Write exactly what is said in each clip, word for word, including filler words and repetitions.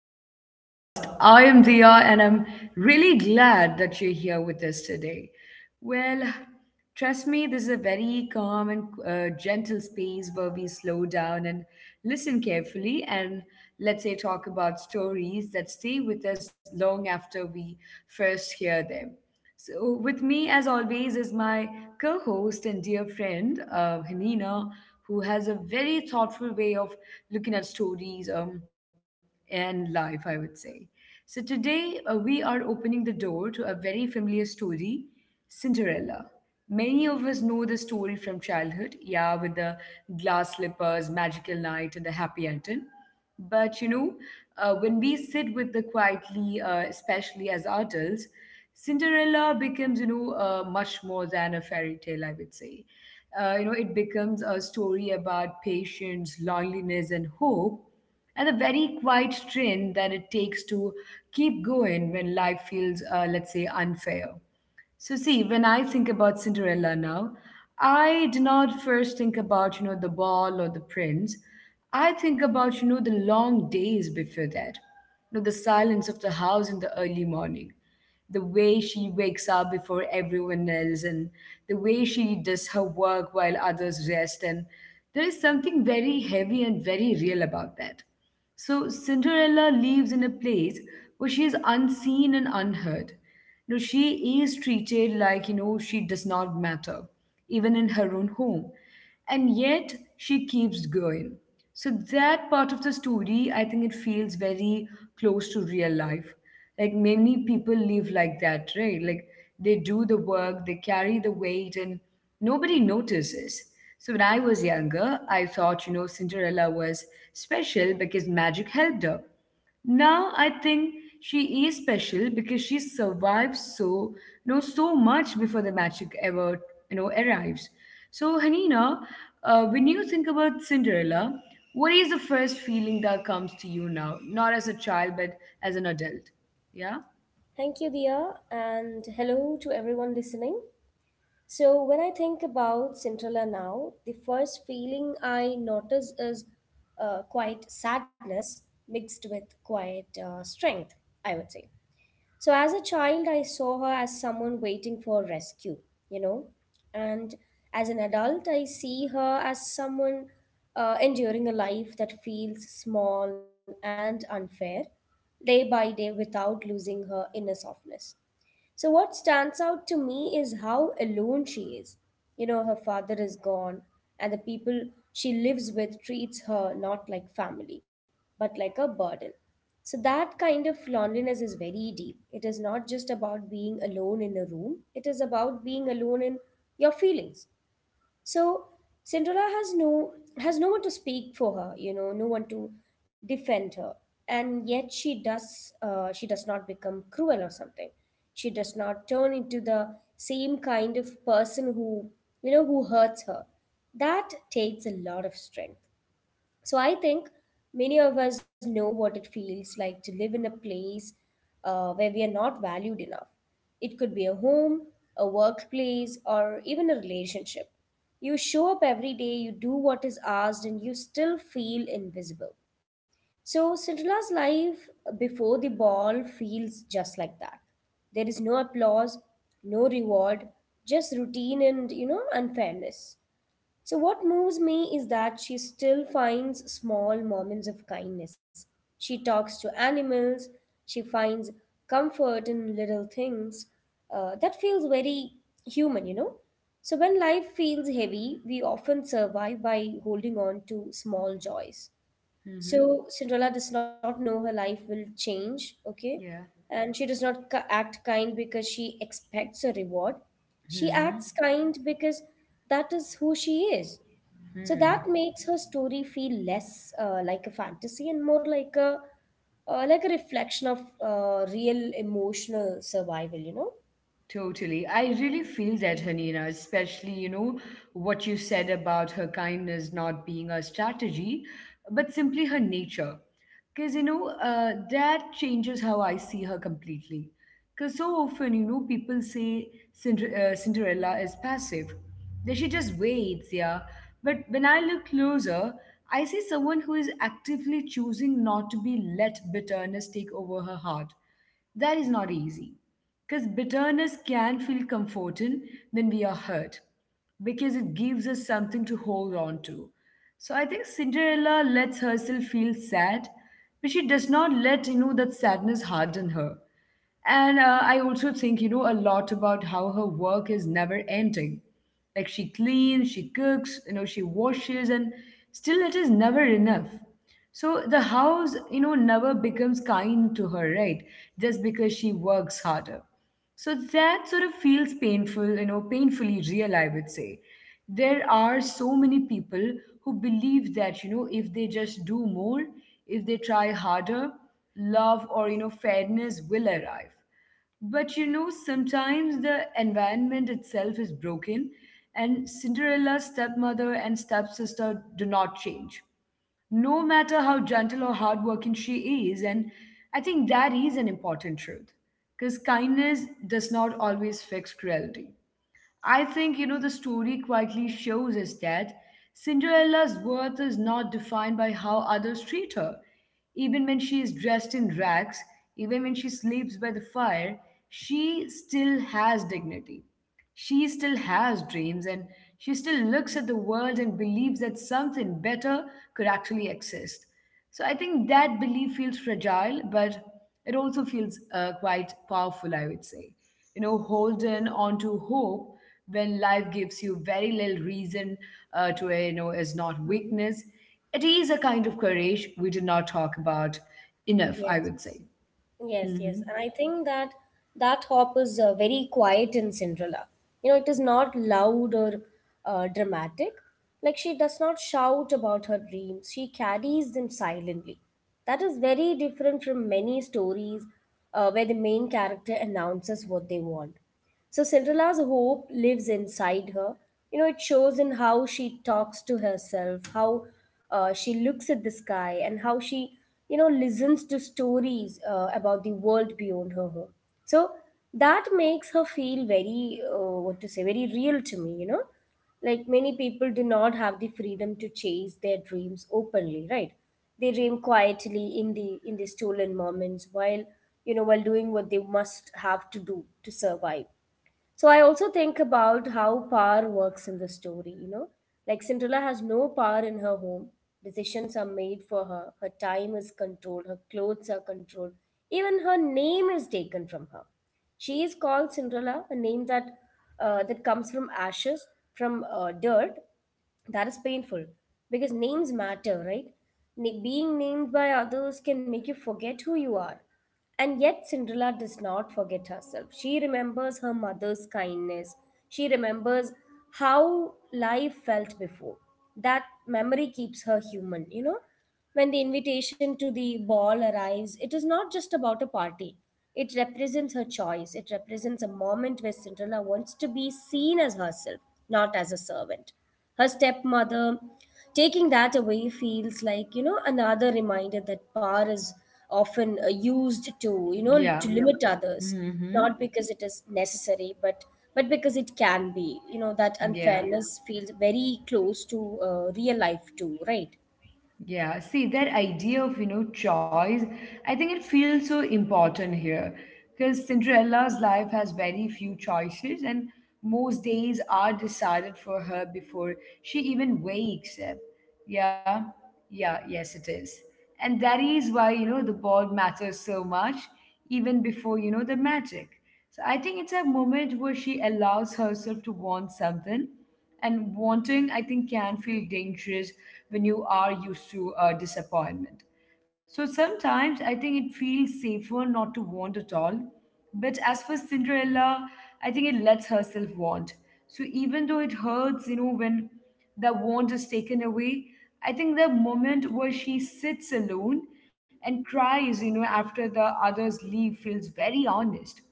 to our podcast. I am Dia, and I'm really glad that you're here with us today. Well, trust me, this is a very calm and uh, gentle space where we slow down and listen carefully, and let's say talk about stories that stay with us long after we first hear them. So, with me, as always, is my co host and dear friend, uh, Hanina, who has a very thoughtful way of looking at stories um, and life, I would say. So, today uh, we are opening the door to a very familiar story, Cinderella. Many of us know the story from childhood, yeah, with the glass slippers, magical night, and the happy ending. But you know, uh, when we sit with the quietly, uh, especially as adults, Cinderella becomes, you know, uh, much more than a fairy tale, I would say. Uh, you know, it becomes a story about patience, loneliness, and hope, and the very quiet strength that it takes to keep going when life feels, uh, let's say, unfair. So, see, when I think about Cinderella now, I do not first think about, you know, the ball or the prince. I think about, you know, the long days before that, you know, the silence of the house in the early morning, the way she wakes up before everyone else, and the way she does her work while others rest. And there is something very heavy and very real about that. So Cinderella lives in a place where she is unseen and unheard. You know, she is treated like, you know, she does not matter, even in her own home. And yet she keeps going. So that part of the story, I think it feels very close to real life. Like many people live like that, right? Like they do the work, they carry the weight, and nobody notices. So when I was younger, I thought, you know, Cinderella was special because magic helped her. Now I think she is special because she survived, so you know so much before the magic ever, you know, arrives. So Hanina, uh, when you think about Cinderella, what is the first feeling that comes to you now? Not as a child, but as an adult. Yeah. Thank you, Dia, and hello to everyone listening. So, when I think about Cinderella now, the first feeling I notice is uh, quite sadness mixed with quite uh, strength, I would say. So, as a child, I saw her as someone waiting for rescue, you know, and as an adult, I see her as someone uh, enduring a life that feels small and unfair day by day without losing her inner softness. So, what stands out to me is how alone she is. You know, her father is gone, and the people she lives with treats her not like family, but like a burden. So, that kind of loneliness is very deep. It is not just about being alone in a room, it is about being alone in your feelings. So Cinderella has no has no one to speak for her, you know, no one to defend her, and yet she does uh, she does not become cruel or something. She does not turn into the same kind of person who you know who hurts her. That takes a lot of strength. So I think many of us know what it feels like to live in a place uh, where we are not valued enough. It could be a home, a workplace, or even a relationship. You show up every day, you do what is asked, and you still feel invisible. So, Cinderella's life before the ball feels just like that. There is no applause, no reward, just routine and, you know, unfairness. So, what moves me is that she still finds small moments of kindness. She talks to animals, she finds comfort in little things. Uh, that feels very human, you know? So, when life feels heavy, we often survive by holding on to small joys. Mm-hmm. So, Cinderella does not know her life will change, okay? Yeah. And she does not ca- act kind because she expects a reward. She Mm-hmm. acts kind because that is who she is. So that Mm. makes her story feel less uh, like a fantasy and more like a uh, like a reflection of uh, real emotional survival, you know? Totally. I really feel that, Hanina, especially, you know, what you said about her kindness not being a strategy, but simply her nature. Because, you know, uh, that changes how I see her completely. Because so often, you know, people say Cinder- uh, Cinderella is passive, that she just waits, yeah. But when I look closer, I see someone who is actively choosing not to be let bitterness take over her heart. That is not easy. Because bitterness can feel comforting when we are hurt, because it gives us something to hold on to. So I think Cinderella lets herself feel sad, but she does not let you know that sadness harden her. And uh, I also think you know a lot about how her work is never ending. Like she cleans, she cooks, you know, she washes, and still it is never enough. So the house, you know, never becomes kind to her, right? Just because she works harder. So that sort of feels painful, you know, painfully real, I would say. There are so many people who believe that, you know, if they just do more, if they try harder, love or, you know, fairness will arrive. But, you know, sometimes the environment itself is broken, and Cinderella's stepmother and stepsister do not change no matter how gentle or hardworking she is. And I think that is an important truth because kindness does not always fix cruelty. I think, you know, the story quietly shows us that Cinderella's worth is not defined by how others treat her. Even when she is dressed in rags, even when she sleeps by the fire, she still has dignity. She still has dreams and she still looks at the world and believes that something better could actually exist. So I think that belief feels fragile, but it also feels uh, quite powerful, I would say. You know, holding on to hope when life gives you very little reason uh, to, uh, you know, is not hmm weakness. It is a kind of courage we did not talk about enough, I Yes, would say. yes, yes. hmm And I think that that hop is uh, very quiet in Cinderella. You know, it is not loud or uh, dramatic. Like she does not shout about her dreams, she carries them silently. That is very different from many stories uh, where the main character announces what they want. So Cinderella's hope lives inside her. You know, it shows in how she talks to herself, how uh, she looks at the sky, and how she, you know, listens to stories uh, about the world beyond her home. So that makes her feel very, uh, what to say, very real to me, you know. Like many people do not have the freedom to chase their dreams openly, right? They dream quietly in the in the stolen moments while you know while doing what they must have to do to survive. So I also think about how power works in the story, you know. Like Cinderella has no power in her home. Decisions are made for her. Her time is controlled. Her clothes are controlled. Even her name is taken from her. She is called Cinderella, a name that uh, that comes from ashes, from uh, dirt, that is painful because names matter, right? Na- being named by others can make you forget who you are, and yet, Cinderella does not forget herself. She remembers her mother's kindness. She remembers how life felt before. That memory keeps her human, you know. When the invitation to the ball arrives, it is not just about a party. It represents her choice. It represents a moment where Cinderella wants to be seen as herself, not as a servant. Her stepmother taking that away feels like, you know, another reminder that power is often uh, used to, you know, to Yeah. Yeah. limit others, not hmm because it is necessary, but but because it can be. You know, that Yeah. Yeah. unfairness feels very close to uh, real life too, right? Yeah, see that idea of, you know, choice, I think it feels so important here because Cinderella's life has very few choices and most days are decided for her before she even wakes up. Yeah, yeah, yes, it is. And that is why, you know, the ball matters so much even before, you know, the magic. So I think it's a moment where she allows herself to want something, and wanting, I think, can feel dangerous when you are used to uh, disappointment. So sometimes I think it feels safer not to want at all. But as for Cinderella, I think it lets herself want. So even though it hurts, you know, when the want is taken away, I think the moment where she sits alone and cries, you know, after the others leave feels very honest.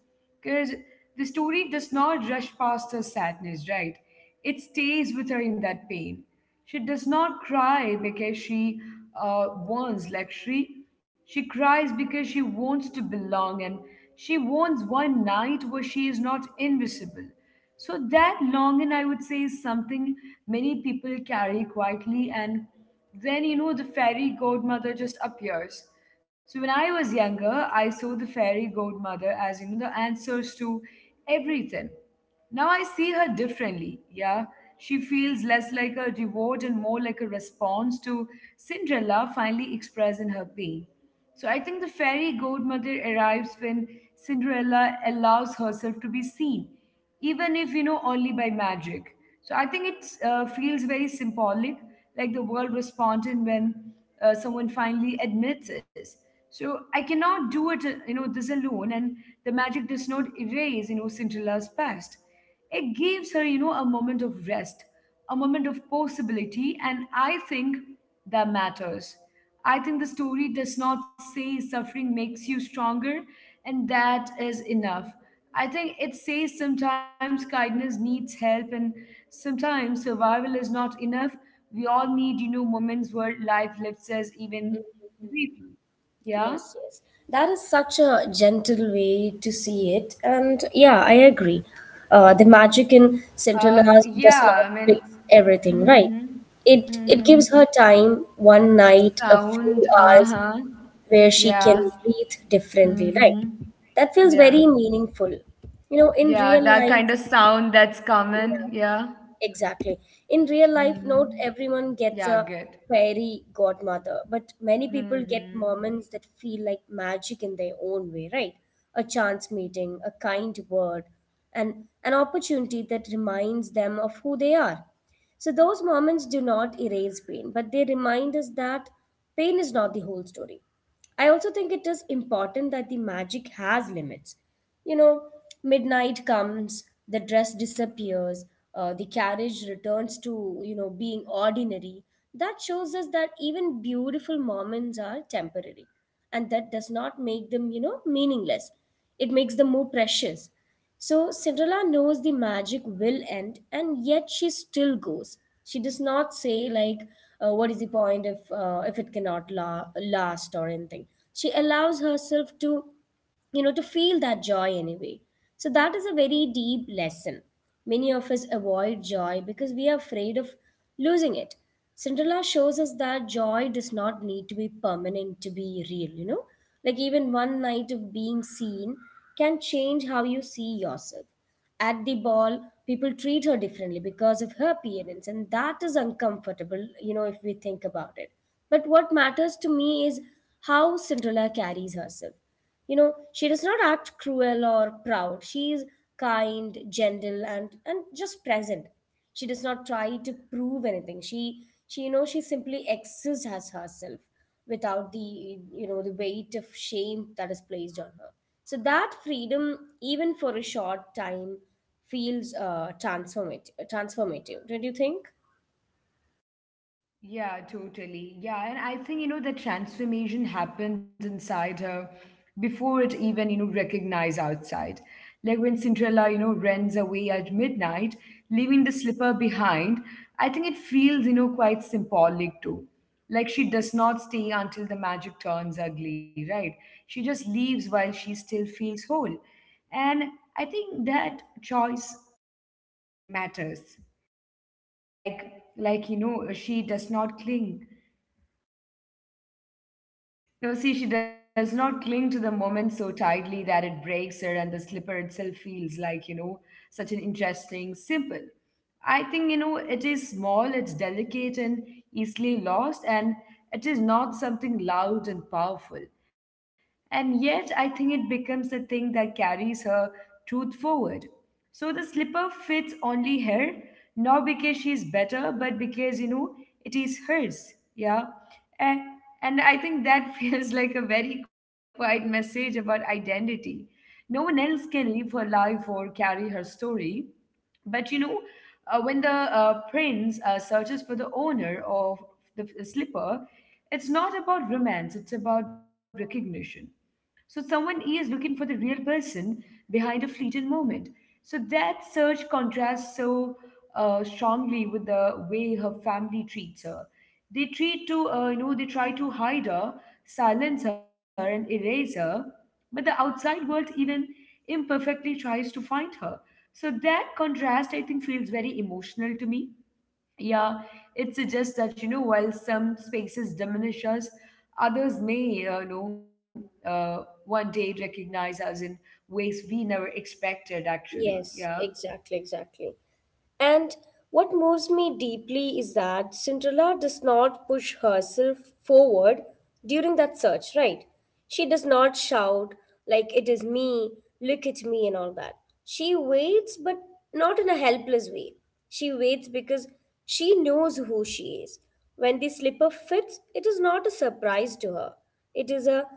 Because the story does not rush past her sadness, right? It stays with her in that pain. She does not cry because she uh, wants luxury. She cries because she wants to belong and she wants one night where she is not invisible. So that longing, I would say, is something many people carry quietly, and then, you know, the fairy godmother just appears. So when I was younger, I saw the fairy godmother as, you know, the answers to everything. Now I see her differently, yeah. She feels less like a reward and more like a response to Cinderella finally expressing her pain. So I think the fairy godmother arrives when Cinderella allows herself to be seen, even if you know only by magic. So I think it uh, feels very symbolic, like the world responded when uh, someone finally admits this. So I cannot do it, uh, you know, this alone, and the magic does not erase, you know, Cinderella's past. It gives her, you know, a moment of rest, a moment of possibility, and I think that matters. I think the story does not say suffering makes you stronger and that is enough. I think it says sometimes kindness needs help and sometimes survival is not enough. We all need, you know, moments where life lifts us even briefly. Yeah. Yes, yes. That is such a gentle way to see it. And yeah, I agree. Uh, the magic in Cinderella uh does not Yeah, I mean. fix everything, right? Mm-hmm. It it Mm-hmm. gives her time, one night, a few Sound, hours uh-huh. where she can Yeah. breathe differently, right? Mm-hmm. That feels very Yeah. meaningful. You know, in Yeah, real that life, kind of sound that's yeah, common. Yeah. exactly. In real life, not Mm-hmm. everyone gets Yeah, a good. fairy godmother, but many people get Mm-hmm. moments that feel like magic in their own way, right? A chance meeting, a kind word, and an opportunity that reminds them of who they are. So those moments do not erase pain, but they remind us that pain is not the whole story. I also think it is important that the magic has limits. You know, midnight comes, the dress disappears, uh, the carriage returns to, you know, being ordinary. That shows us that even beautiful moments are temporary. And that does not make them, you know, meaningless. It makes them more precious. So Cinderella knows the magic will end, and yet she still goes. She does not say like, uh, "What is the point if uh, if it cannot la- last or anything?" She allows herself to, you know, to feel that joy anyway. So that is a very deep lesson. Many of us avoid joy because we are afraid of losing it. Cinderella shows us that joy does not need to be permanent to be real, you know. Like, even one night of being seen can change how you see yourself. At the ball, people treat her differently because of her appearance, and that is uncomfortable, you know, if we think about it. But what matters to me is how Cinderella carries herself. You know, she does not act cruel or proud. She is kind, gentle, and, and just present. She does not try to prove anything. She she you know she simply exists as herself without the you know the weight of shame that is placed on her. So that freedom, even for a short time, feels uh, transformative, transformative don't you think? Yeah, totally. Yeah, and I think, you know, the transformation happens inside her before it even, you know, recognize outside. Like when Cinderella, you know, runs away at midnight, leaving the slipper behind, I think it feels, you know, quite symbolic too. Like she does not stay until the magic turns ugly, right? She just leaves while she still feels whole. And I think that choice matters. like like you know she does not cling. No, see, she does not cling to the moment so tightly that it breaks her, and the slipper itself feels like, you know, such an interesting symbol. I think, you know, it is small, it's delicate and easily lost, and it is not something loud and powerful. And yet, I think it becomes a thing that carries her truth forward. So the slipper fits only her, not because she's better, but because, you know, it is hers. Yeah. And, and I think that feels like a very quiet message about identity. No one else can live her life or carry her story, but you know, uh, when the uh, prince uh, searches for the owner of the slipper, it's not about romance, it's about recognition. So someone is looking for the real person behind a fleeting moment. So that search contrasts so uh, strongly with the way her family treats her. They treat to, uh, you know, they try to hide her, silence her, and erase her. But the outside world, even imperfectly, tries to find her. So that contrast, I think, feels very emotional to me. Yeah, it suggests that, you know, while some spaces diminish us, others may, uh, you know, uh, one day recognize us in ways we never expected, actually. Yeah. Yes, exactly, exactly. And what moves me deeply is that Cinderella does not push herself forward during that search, right? She does not shout, like, it is me, look at me, and all that. She waits, but not in a helpless way. She waits because she knows who she is. When the slipper fits, it is not a surprise to her. It is a,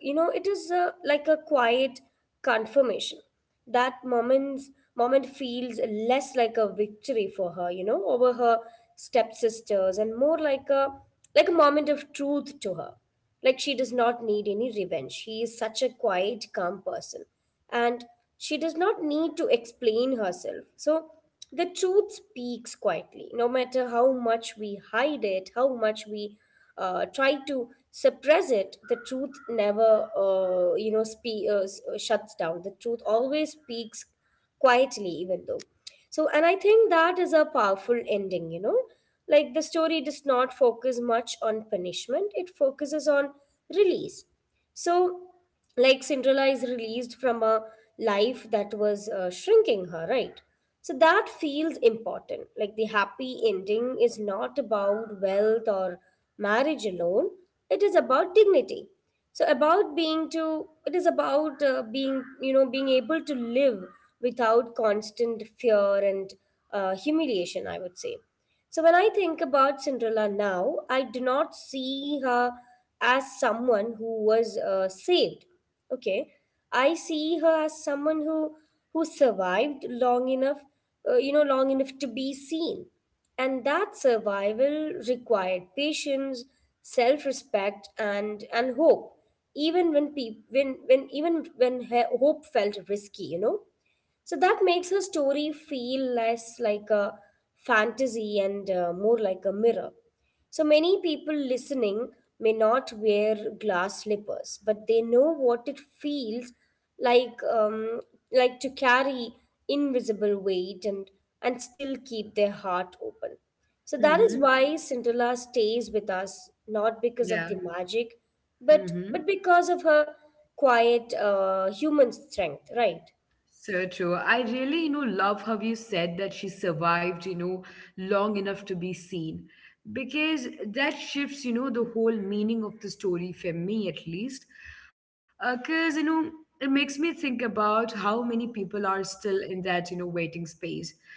you know, it is a, like a quiet confirmation. That moments moment feels less like a victory for her, you know, over her stepsisters, and more like a like a moment of truth to her. Like she does not need any revenge, she is such a quiet, calm person, and she does not need to explain herself. So the truth speaks quietly, no matter how much we hide it, how much we uh, try to suppress it. The truth never, uh, you know, spe- uh, s- uh, shuts down. The truth always speaks quietly, even though. So, and I think that is a powerful ending, you know. Like the story does not focus much on punishment, it focuses on release. So, like Cinderella is released from a life that was uh, shrinking her, right? So that feels important. Like the happy ending is not about wealth or marriage alone. It is about dignity. So about being to it is about uh, being, you know, being able to live without constant fear and uh, humiliation, I would say. So when I think about Cinderella now, I do not see her as someone who was uh, saved. Okay, I see her as someone who who survived long enough, uh, you know, long enough to be seen, and that survival required patience, self-respect, and and hope. Even when peop when when even when her hope felt risky, you know. So that makes her story feel less like a fantasy and uh, more like a mirror. So many people listening may not wear glass slippers, but they know what it feels like um, like to carry invisible weight and and still keep their heart open. So that is why Mm-hmm. Cinderella stays with us, not because of the Yeah. magic, but but Mm-hmm. because of her quiet uh, human strength, right? So true. I really, you know, love how you said that she survived, you know, long enough to be seen. Because that shifts, you know, the whole meaning of the story for me at least. Because, you know, it makes me think about how many people are still in that, you know, waiting space.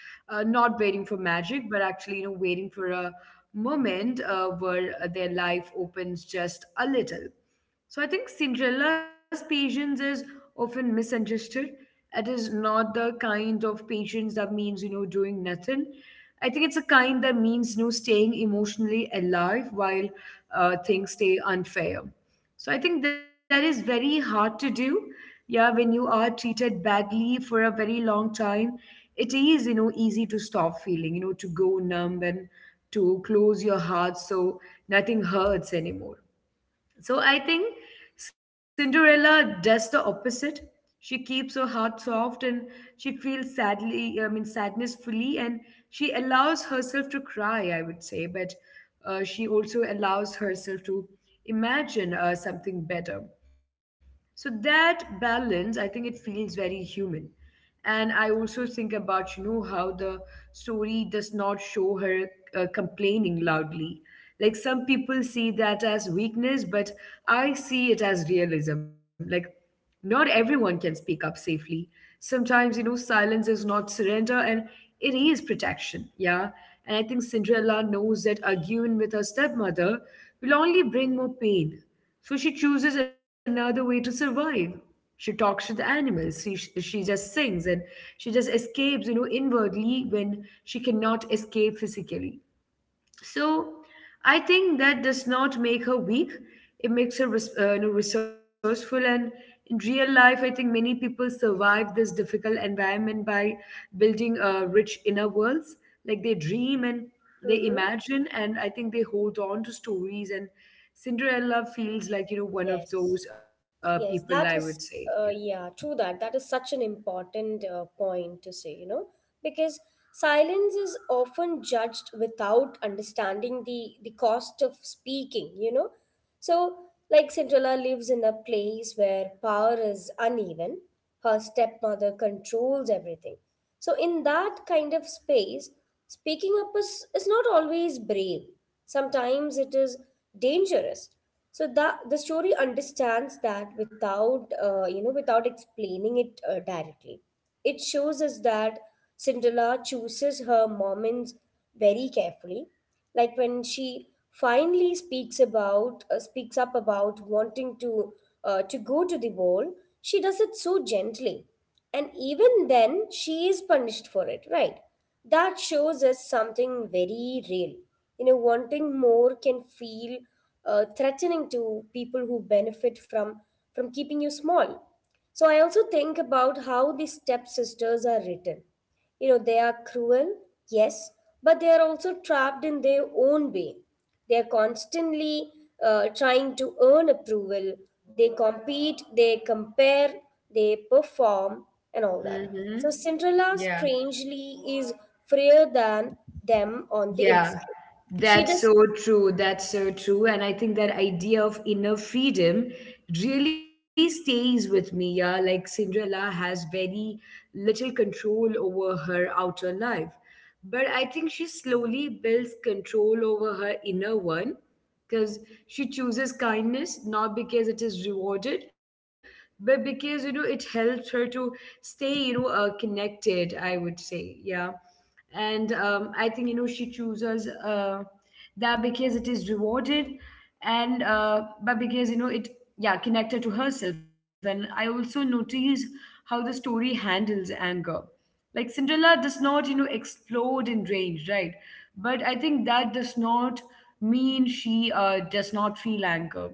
Uh, not waiting for magic, but actually, you know, waiting for a moment uh, where their life opens just a little. So I think Cinderella's patience is often misunderstood. It is not the kind of patience that means, you know, doing nothing. I think it's a kind that means, you know, staying emotionally alive while uh, things stay unfair. So I think that is very hard to do. Yeah, when you are treated badly for a very long time, it is, you know, easy to stop feeling, you know, to go numb and to close your heart so nothing hurts anymore. So I think Cinderella does the opposite. She keeps her heart soft and she feels sadly, I mean, sadness fully, and she allows herself to cry, I would say, but uh, she also allows herself to imagine uh, something better. So that balance, I think it feels very human, and I also think about, you know how the story does not show her uh, complaining loudly. Like some people see that as weakness, but I see it as realism. Like, not everyone can speak up safely. Sometimes, you know silence is not surrender, and it is protection. Yeah, and I think Cinderella knows that arguing with her stepmother will only bring more pain, so she chooses another way to survive. She talks to the animals. She, she just sings, and she just escapes, you know, inwardly, when she cannot escape physically. So I think that does not make her weak. It makes her res- uh, you know, resourceful. And in real life, I think many people survive this difficult environment by building uh, rich inner worlds. Like, they dream and they Mm-hmm. imagine, and I think they hold on to stories. And Cinderella feels like, you know one of Yes, those uh, people, I yes, would that say. is, Yeah. uh, yeah, true that. That is such an important uh, point to say, you know, because silence is often judged without understanding the the cost of speaking, you know. So, like Cinderella lives in a place where power is uneven. Her stepmother controls everything. So, in that kind of space, speaking up is, is not always brave. Sometimes it is dangerous. So that the story understands that without uh, you know without explaining it uh, directly. It shows us that Cinderella chooses her moments very carefully. Like when she finally speaks about uh, speaks up about wanting to uh, to go to the wall, she does it so gently, and even then she is punished for it, right? That shows us something very real. You know, wanting more can feel uh, threatening to people who benefit from from keeping you small. So I also think about how the stepsisters are written. You know, they are cruel, yes, but they are also trapped in their own way. They are constantly uh, trying to earn approval. They compete, they compare, they perform, and all that. Mm-hmm. So Cinderella, Yeah. strangely, is freer than them on the Yeah, inside. She that's does. so true. That's so true. And I think that idea of inner freedom really stays with me. Yeah, like Cinderella has very little control over her outer life, but I think she slowly builds control over her inner one, because she chooses kindness not because it is rewarded, but because, you know it helps her to stay, you know uh, connected, I would say. Yeah. And um, I think, you know she chooses uh, that because it is rewarded and uh, but because, you know it, yeah, connected to herself. And I also notice how the story handles anger. Like, Cinderella does not, you know explode in rage, right? But I think that does not mean she uh, does not feel anger.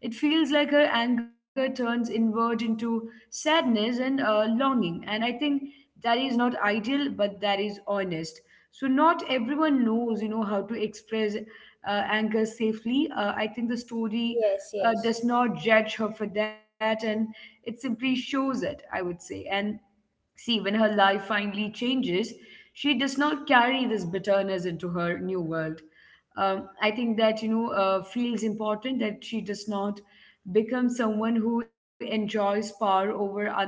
It feels like her anger turns inward into sadness and uh, longing. And I think that is not ideal, but that is honest. So not everyone knows, you know, how to express uh, anger safely. Uh, I think the story Yes, uh, yes. does not judge her for that, and it simply shows it, I would say. And see, when her life finally changes, she does not carry this bitterness into her new world. Um, I think that, you know, uh, feels important that she does not become someone who enjoys power over others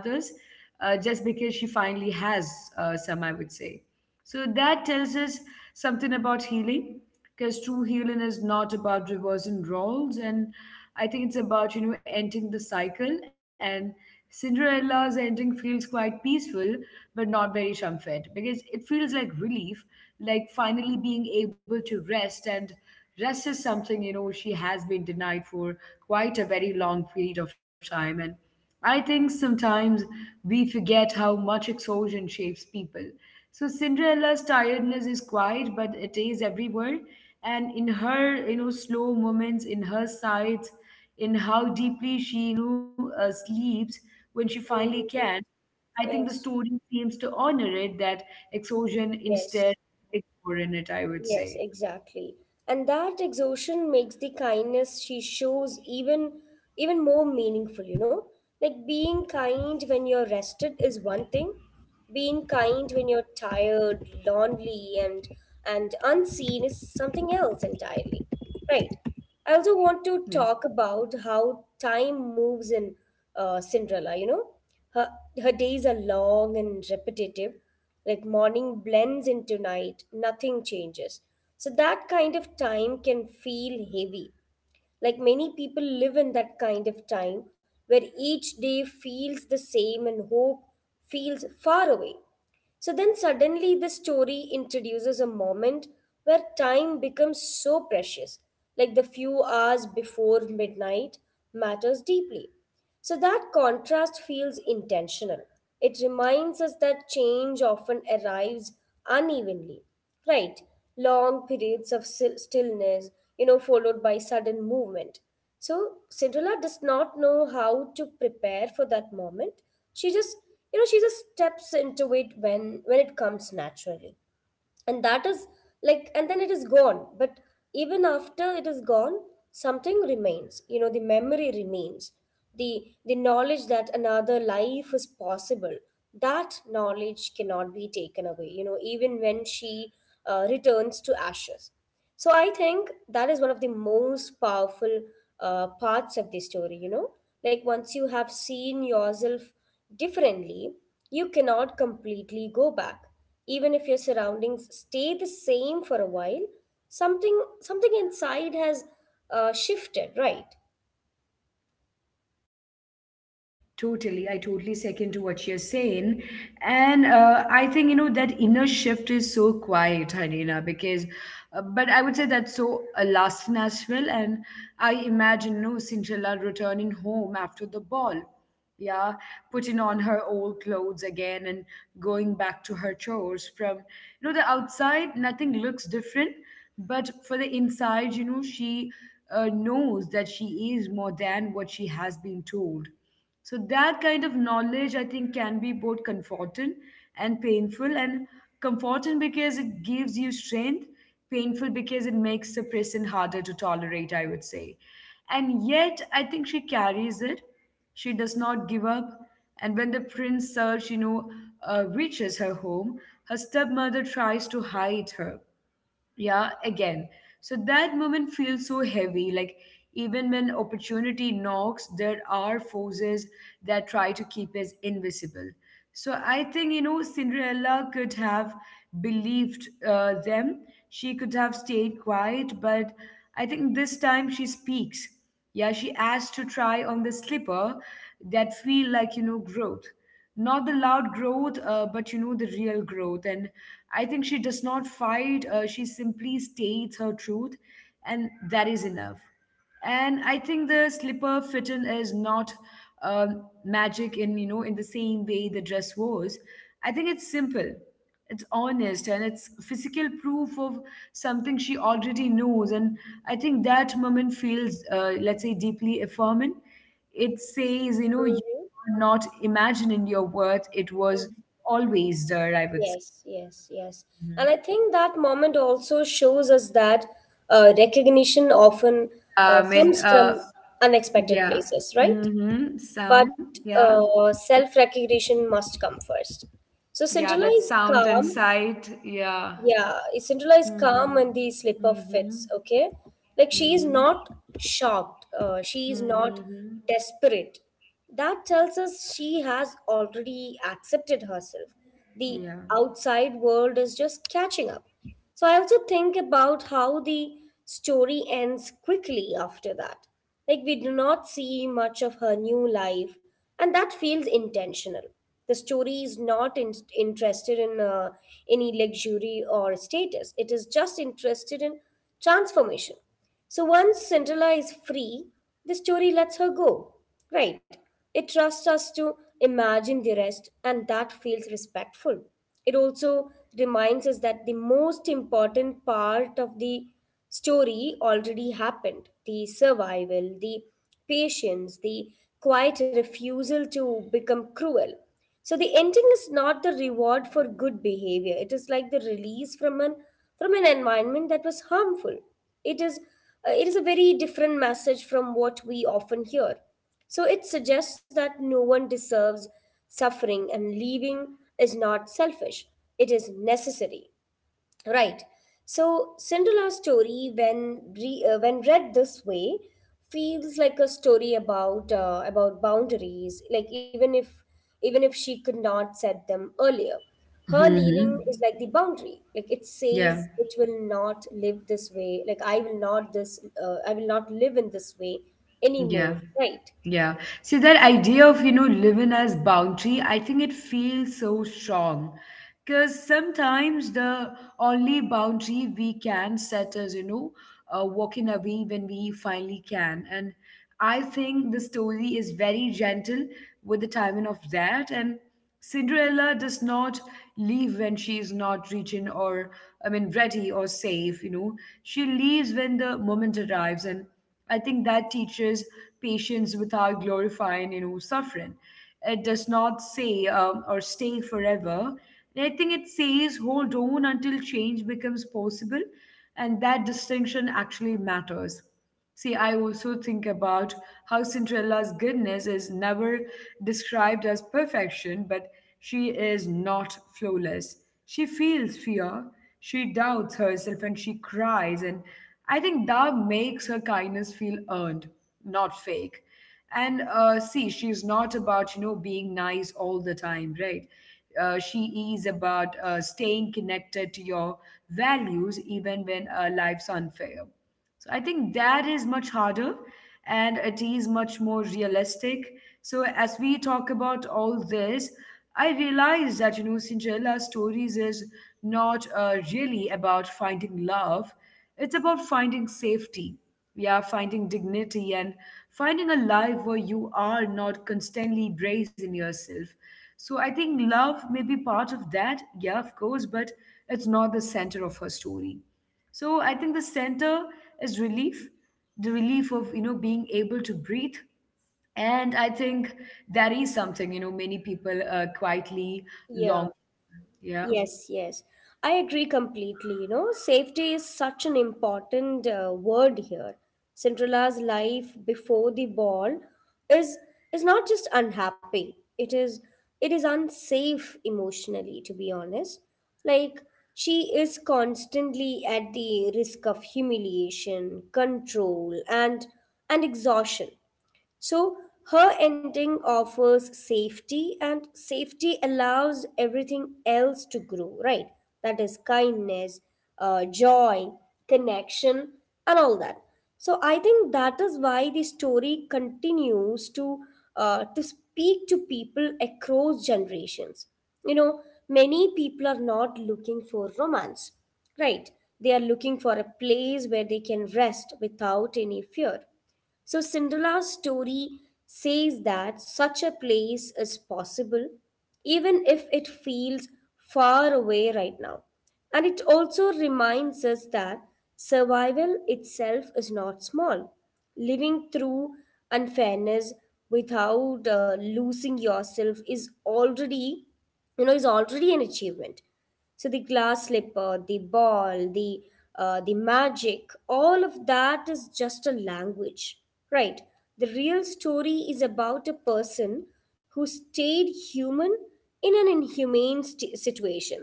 uh, just because she finally has uh, some, I would say. So that tells us something about healing, because true healing is not about reversing roles, and I think it's about, you know ending the cycle. And Cinderella's ending feels quite peaceful, but not very triumphant, because it feels like relief, like finally being able to rest. And rest is something, you know she has been denied for quite a very long period of time, and I think sometimes we forget how much exhaustion shapes people. So Cinderella's tiredness is quiet, but it is everywhere. And in her, you know, slow moments, in her sights, in how deeply she, you know, uh, sleeps when she finally can, Mhm. I think the Yes, story seems to honor it, that exhaustion, instead yes. of ignoring it, I would Yes, say. exactly. And that exhaustion makes the kindness she shows even even more meaningful, you know? Like being kind when you're rested is one thing. Being kind when you're tired, lonely, and and unseen is something else entirely. Right. I also want Yeah. to talk about how time moves in uh, Cinderella, you know? Her her days are long and repetitive, like morning blends into night, nothing changes. So that kind of time can feel heavy. Like many people live in that kind of time, where each day feels the same and hope feels far away. So then suddenly the story introduces a moment where time becomes so precious, like the few hours before midnight matters deeply. So that contrast feels intentional. It reminds us that change often arrives unevenly. Right, long periods of sil- stillness, you know, followed by sudden movement. So Cinderella does not know how to prepare for that moment. She just, you know, she just steps into it when when it comes naturally, and that is, like, and then it is gone. But even after it is gone, something remains. You know, the memory remains. The the knowledge that another life is possible. That knowledge cannot be taken away. You know, even when she uh, returns to ashes. So I think that is one of the most powerful uh, parts of the story, you know? Like once you have seen yourself differently, you cannot completely go back. Even if your surroundings stay the same for a while, something something inside has uh, shifted, right? Totally. I totally second to what you're saying. And uh, I think, you know, that inner shift is so quiet, Harina, because, uh, but I would say that's so uh, lasting as well. And I imagine, you know, Cinderella returning home after the ball. Yeah, putting on her old clothes again and going back to her chores. From, you know, the outside, nothing looks different. But for the inside, you know, she uh, knows that she is more than what she has been told. So that kind of knowledge, I think, can be both comforting and painful. And comforting because it gives you strength, painful because it makes the person harder to tolerate, I would say. And yet, I think she carries it. She does not give up. And when the prince search, you know, uh, reaches her home, her stepmother tries to hide her. Yeah, again, so that moment feels so heavy. Like, even when opportunity knocks, there are forces that try to keep us invisible. So I think, you know Cinderella could have believed uh, them. She could have stayed quiet, but I think this time she speaks. Yeah, she asks to try on the slipper. That feel like, you know growth, not the loud growth, uh, but, you know the real growth. And I think she does not fight. uh, she simply states her truth, and that is enough. And I think the slipper fitting is not, um, magic in, you know in the same way the dress was. I think it's simple, it's honest, and it's physical proof of something she already knows. And I think that moment feels, uh, let's say, deeply affirming. It says, you know, you Mm-hmm. are not imagining your worth. It was always there, I would say. Yes, yes, yes. And Mhm. I think that moment also shows us that uh, recognition often uh, I mean, comes from uh, unexpected yeah. places, right? Mm-hmm. But Sound, yeah. uh, self recognition must come first. So Yeah, Cinderella that is sound and calm. sight, yeah. Yeah, Cinderella is calm Mm-hmm. when the slipper Mm-hmm. fits. Okay, like she is Mm-hmm. not shocked. Uh, she is Mm-hmm. not Mm-hmm. desperate. That tells us she has already accepted herself. The Yeah. outside world is just catching up. So I also think about how the story ends quickly after that. Like we do not see much of her new life, and that feels intentional. The story is not in- interested in uh, any luxury or status. It is just interested in transformation. So once Cinderella is free, the story lets her go. Right. It trusts us to imagine the rest, and that feels respectful. It also reminds us that the most important part of the story already happened: the survival, the patience, the quiet refusal to become cruel. So the ending is not the reward for good behavior. It is like the release from an from an environment that was harmful. It is uh, it is a very different message from what we often hear. So it suggests that no one deserves suffering, and leaving is not selfish. It is necessary. Right. So Cinderella's story, when re, uh, when read this way, feels like a story about uh, about boundaries. Like even if even if she could not set them earlier, her Mm-hmm. leaving is like the boundary. Like it Yeah. says, it will not live this way. Like I will not this. Uh, I will not live in this way Yeah. anymore. Right. Yeah. See, that idea of, you know, living as boundary, I think it feels so strong. Because sometimes the only boundary we can set is, you know, uh, walking away when we finally can. And I think the story is very gentle with the timing of that. And Cinderella does not leave when she is not reaching or, I mean, ready or safe, you know. She leaves when the moment arrives. And I think that teaches patience without glorifying, you know, suffering. It does not say um, or stay forever. And I think it says hold on until change becomes possible, and that distinction actually matters. See, I also think about how Cinderella's goodness is never described as perfection, but she is not flawless. She feels fear, she doubts herself, and she cries. And I think that makes her kindness feel earned, not fake. And uh, see, she's not about, you know, being nice all the time, right? Uh, she is about uh, staying connected to your values, even when uh, life's unfair. So I think that is much harder, and it is much more realistic. So as we talk about all this, I realize that, you know Cinderella stories is not uh, really about finding love. It's about finding safety. Yeah, finding dignity and finding a life where you are not constantly bracing yourself. So I think love may be part of that, yeah, of course, but it's not the center of her story. So I think the center is relief, the relief of, you know being able to breathe. And I think that is something, you know many people uh, quietly Yeah. long. Yeah. Yes, yes. I agree completely. You know, safety is such an important uh, word here. Cinderella's life before the ball is is not just unhappy. It is it is unsafe emotionally, to be honest. Like she is constantly at the risk of humiliation, control, and and exhaustion. So her ending offers safety, and safety allows everything else to grow, right? That is kindness, uh, joy, connection, and all that. So I think that is why the story continues to uh, to speak to people across generations. You know, many people are not looking for romance, right? They are looking for a place where they can rest without any fear. So Cinderella's story says that such a place is possible, even if it feels far away right now. And it also reminds us that survival itself is not small. Living through unfairness without uh, losing yourself is already, you know, is already an achievement. So the glass slipper, the ball, the uh, the magic, all of that is just a language, right? The real story is about a person who stayed human in an inhumane st- situation.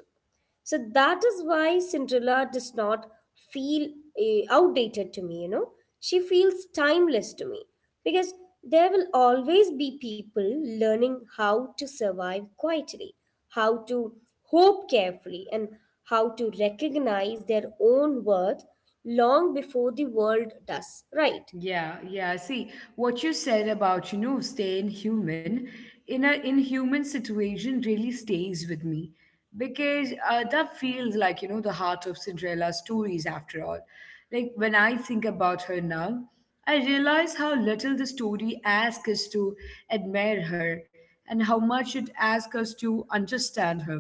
So that is why Cinderella does not feel eh, outdated to me, you know. She feels timeless to me because there will always be people learning how to survive quietly, how to hope carefully, and how to recognize their own worth long before the world does, right? Yeah, yeah. See, what you said about, you know, staying human in a inhuman situation really stays with me, because uh, that feels like, you know, the heart of Cinderella's stories after all. Like, when I think about her now, I realize how little the story asks us to admire her and how much it asks us to understand her.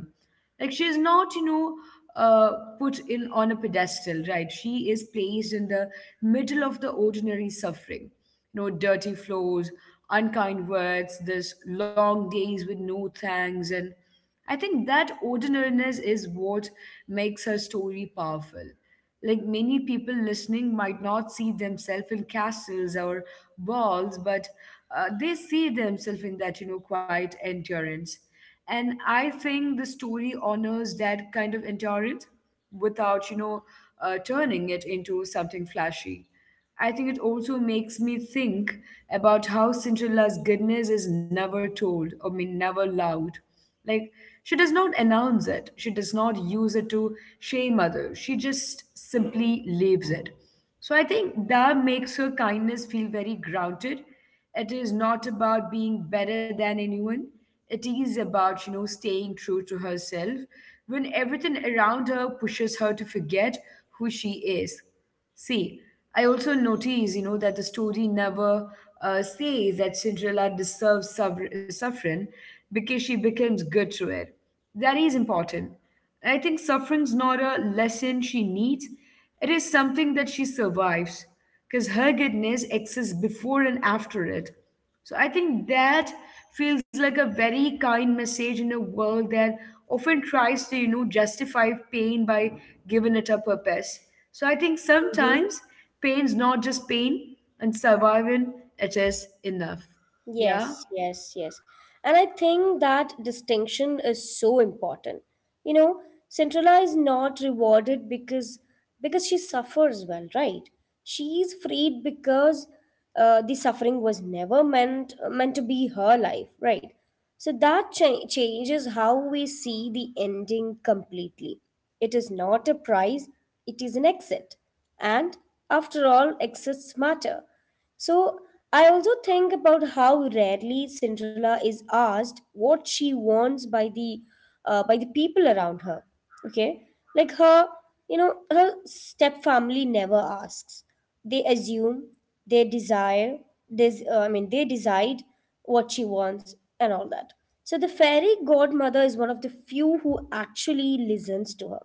Like, she is not, you know, uh, put in on a pedestal, right? She is placed in the middle of the ordinary suffering. You know, dirty floors, unkind words, this long days with no thanks, and I think that ordinariness is what makes her story powerful. Like, many people listening might not see themselves in castles or walls, but uh, they see themselves in that, you know, quiet endurance. And I think the story honors that kind of endurance without, you know, uh, turning it into something flashy. I think it also makes me think about how Cinderella's goodness is never told, I mean, never loud. Like, she does not announce it, she does not use it to shame others, she just simply leaves it. So I think that makes her kindness feel very grounded. It is not about being better than anyone. It is about, you know, staying true to herself when everything around her pushes her to forget who she is. See, I also notice, you know, that the story never uh, says that Cinderella deserves suffer- suffering because she becomes good to it. That is important. I think suffering's not a lesson she needs, it is something that she survives because her goodness exists before and after it. So I think that feels like a very kind message in a world that often tries to, you know, justify pain by giving it a purpose. So I think Mm-hmm. sometimes pain's not just pain, and surviving it is enough. Yeah? Yes, yes, yes. And I think that distinction is so important. You know, Cinderella is not rewarded because because she suffers well, right? She is freed because uh, the suffering was never meant meant to be her life, right? So that cha- changes how we see the ending completely. It is not a prize, it is an exit. And after all, exits matter. So I also think about how rarely Cinderella is asked what she wants by the uh, by the people around her. Okay, like her, you know, her step family never asks. They assume, they desire, this uh, I mean, they decide what she wants and all that. So the fairy godmother is one of the few who actually listens to her.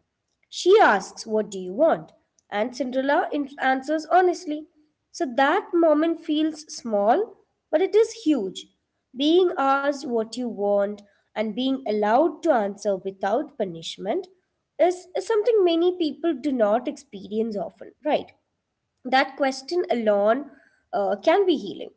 She asks, "What do you want?" and Cinderella in- answers honestly. So that moment feels small, but it is huge. Being asked what you want and being allowed to answer without punishment is, is something many people do not experience often, right? That question alone uh, can be healing.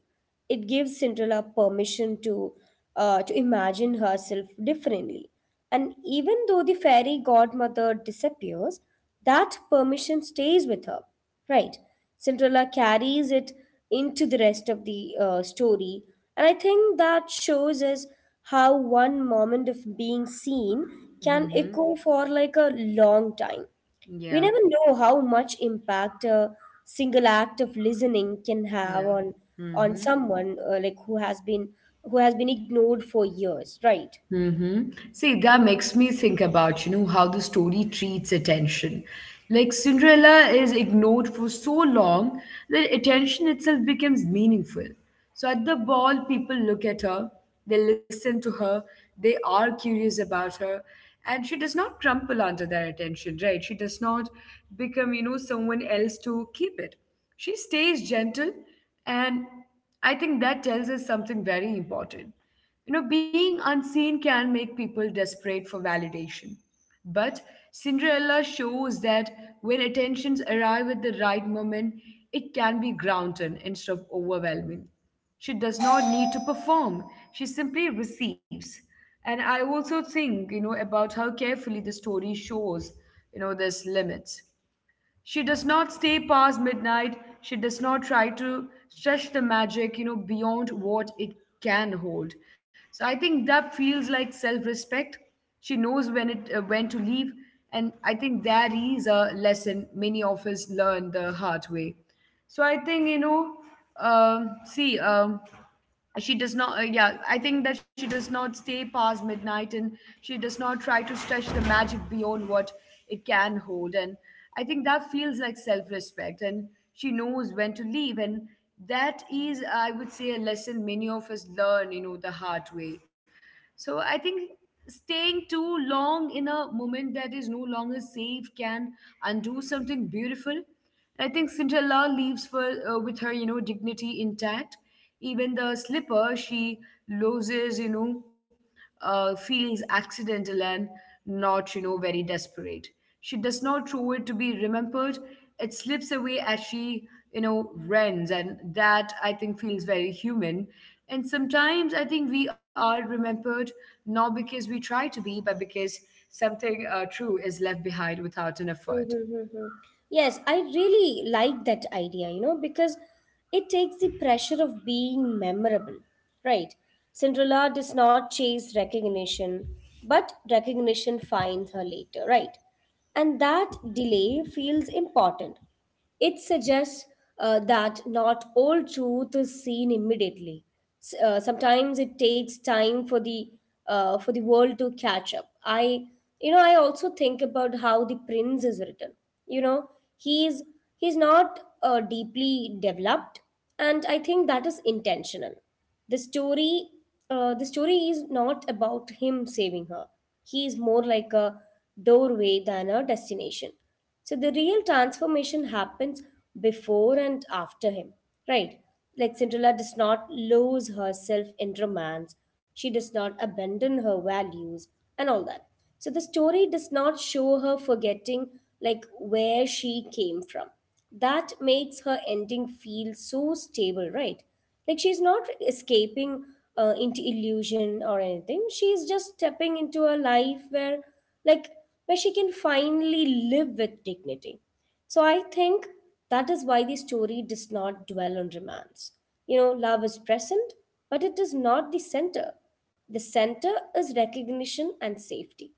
It gives Cinderella permission to uh, to imagine herself differently, and even though the fairy godmother disappears, that permission stays with her. Right, Cinderella carries it into the rest of the uh, story, and I think that shows us how one moment of being seen can echo for like a long time. We Yeah, never know how much impact a single act of listening can have yeah. on on Mm-hmm. someone uh, like who has been who has been ignored for years, right? Mm-hmm. See, that makes me think about, you know, how the story treats attention. Like Cinderella is ignored for so long that attention itself becomes meaningful. So at the ball, people look at her, they listen to her, they are curious about her, and she does not crumple under their attention, right? She does not become, you know, someone else to keep it. She stays gentle, and I think that tells us something very important, you know, being unseen can make people desperate for validation. But Cinderella shows that when attentions arrive at the right moment, it can be grounded instead of overwhelming. She does not need to perform, she simply receives. And I also think, you know, about how carefully the story shows, you know, this limits. She does not stay past midnight, she does not try to stretch the magic you know beyond what it can hold. So I think that feels like self respect. She knows when it uh, when to leave, and I think that is a lesson many of us learn the hard way. So I think you know um see um she does not uh, yeah, I think that she does not stay past midnight, and she does not try to stretch the magic beyond what it can hold. And I think that feels like self-respect, and she knows when to leave, and that is, I would say, a lesson many of us learn, you know the hard way. So I think staying too long in a moment that is no longer safe can undo something beautiful. I think Cinderella leaves for, uh, with her, you know, dignity intact. Even the slipper she loses, you know uh, feelings accidental and not, you know, very desperate. She does not throw it to be remembered. It slips away as she, you know, runs, and that I think feels very human. And sometimes I think we are remembered not because we try to be, but because something uh, true is left behind without an effort. Yes, I really like that idea, you know, because it takes the pressure of being memorable, right? Cinderella does not chase recognition, but recognition finds her later, right? And that delay feels important. It suggests uh, that not all truth is seen immediately. S- uh, sometimes it takes time for the uh, for the world to catch up. I, you know, I also think about how the prince is written. You know, he's he's not uh, deeply developed, and I think that is intentional. The story uh, the story is not about him saving her. He is more like a doorway than a destination. So the real transformation happens before and after him, right? Like Cinderella does not lose herself in romance, she does not abandon her values and all that. So the story does not show her forgetting like where she came from. That makes her ending feel so stable, right? Like she's not escaping uh, into illusion or anything. She's just stepping into a life where, like, where she can finally live with dignity. So I think that is why the story does not dwell on romance. You know, love is present, but it is not the center. The center is recognition and safety.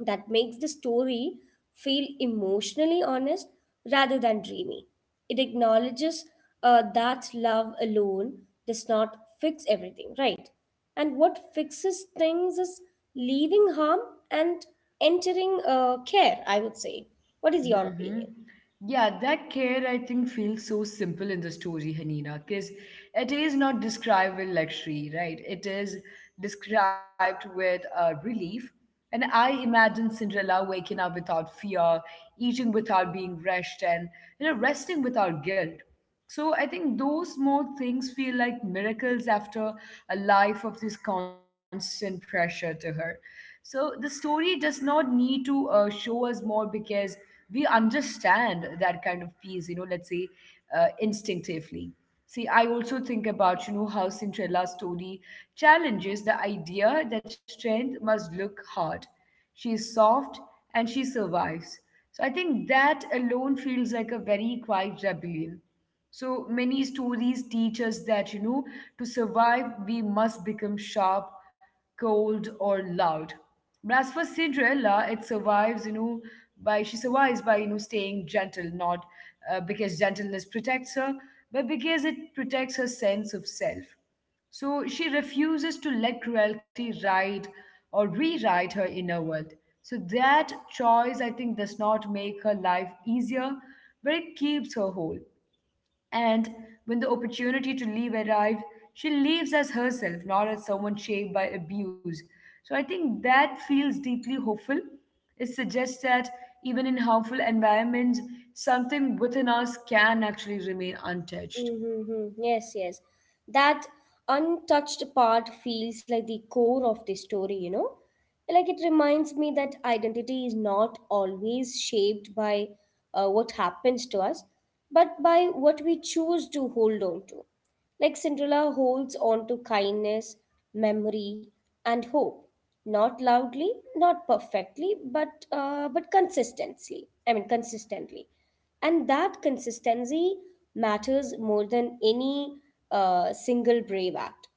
That makes the story feel emotionally honest rather than dreamy. It acknowledges uh, that love alone does not fix everything, right? And what fixes things is leaving harm and entering uh, care, I would say. What is your hmm opinion? Yeah, that care I think feels so simple in the story, Hanina, because it is not described with luxury, right? It is described with uh, relief. And I imagine Cinderella waking up without fear, eating without being rushed, and you know, resting without guilt. So I think those small things feel like miracles after a life of this constant pressure to her. So the story does not need to uh, show us more because we understand that kind of peace, you know, let's say uh, instinctively. See, I also think about, you know, how Cinderella's story challenges the idea that strength must look hard. She is soft and she survives. So I think that alone feels like a very quiet rebellion. So many stories teach us that, you know, to survive, we must become sharp, cold, or loud. But as for Cinderella, it survives, you know, by she survives by, you know, staying gentle, not uh, because gentleness protects her, but because it protects her sense of self. So she refuses to let cruelty write or rewrite her inner world. So that choice, I think, does not make her life easier, but it keeps her whole. And when the opportunity to leave arrives, she leaves as herself, not as someone shaped by abuse. So I think that feels deeply hopeful. It suggests that even in harmful environments, something within us can actually remain untouched. Mm-hmm. Yes, yes. That untouched part feels like the core of the story, you know? Like it reminds me that identity is not always shaped by uh, what happens to us, but by what we choose to hold on to. Like Cinderella holds on to kindness, memory, and hope, not loudly, not perfectly, but uh, but consistently. I mean, consistently, and that consistency matters more than any uh, single brave act.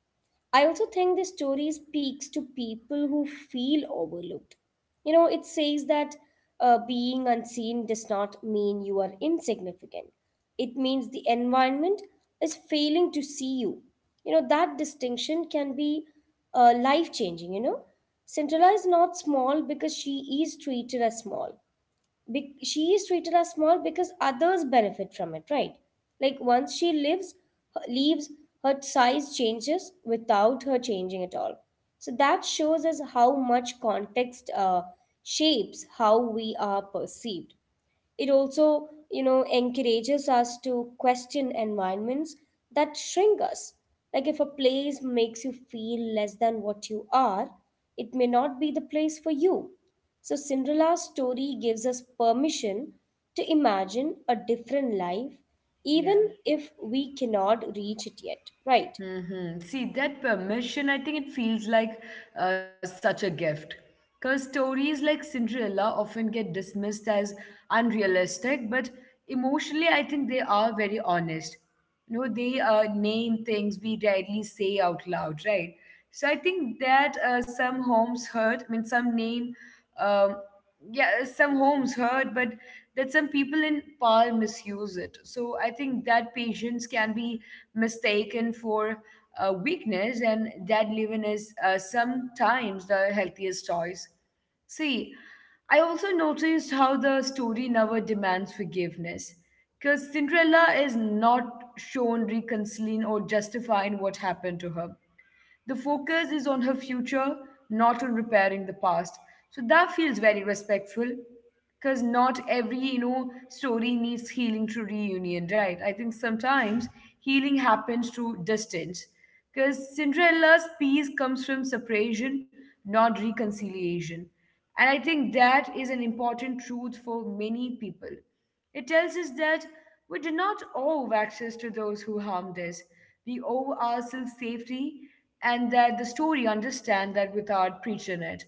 I also think this story speaks to people who feel overlooked. You know, it says that uh, being unseen does not mean you are insignificant. It means the environment is failing to see you. You know, that distinction can be uh, life changing, you know. Cinderella is not small because she is treated as small. Be- she is treated as small because others benefit from it, right? Like once she lives, her, leaves, her size changes without her changing at all. So that shows us how much context uh, shapes how we are perceived. It also, you know, encourages us to question environments that shrink us. Like if a place makes you feel less than what you are, it may not be the place for you. So Cinderella's story gives us permission to imagine a different life, Yeah. even if we cannot reach it yet, right? hmm See, that permission, I think it feels like uh, such a gift. Because stories like Cinderella often get dismissed as unrealistic, but emotionally, I think they are very honest. You know, they uh, name things we rarely say out loud, right? So I think that uh, some homes hurt, I mean, some name. Um, yeah, some homes hurt, but that some people in power misuse it. So I think that patience can be mistaken for uh, weakness, and that living is, uh, sometimes the healthiest choice. See, I also noticed how the story never demands forgiveness because Cinderella is not shown reconciling or justifying what happened to her. The focus is on her future, not on repairing the past. So that feels very respectful because not every, you know story needs healing through reunion, right? I think sometimes healing happens through distance because Cinderella's peace comes from separation, not reconciliation. And I think that is an important truth for many people. It tells us that we do not owe access to those who harmed us. We owe ourselves safety, and that the story understands that without preaching it.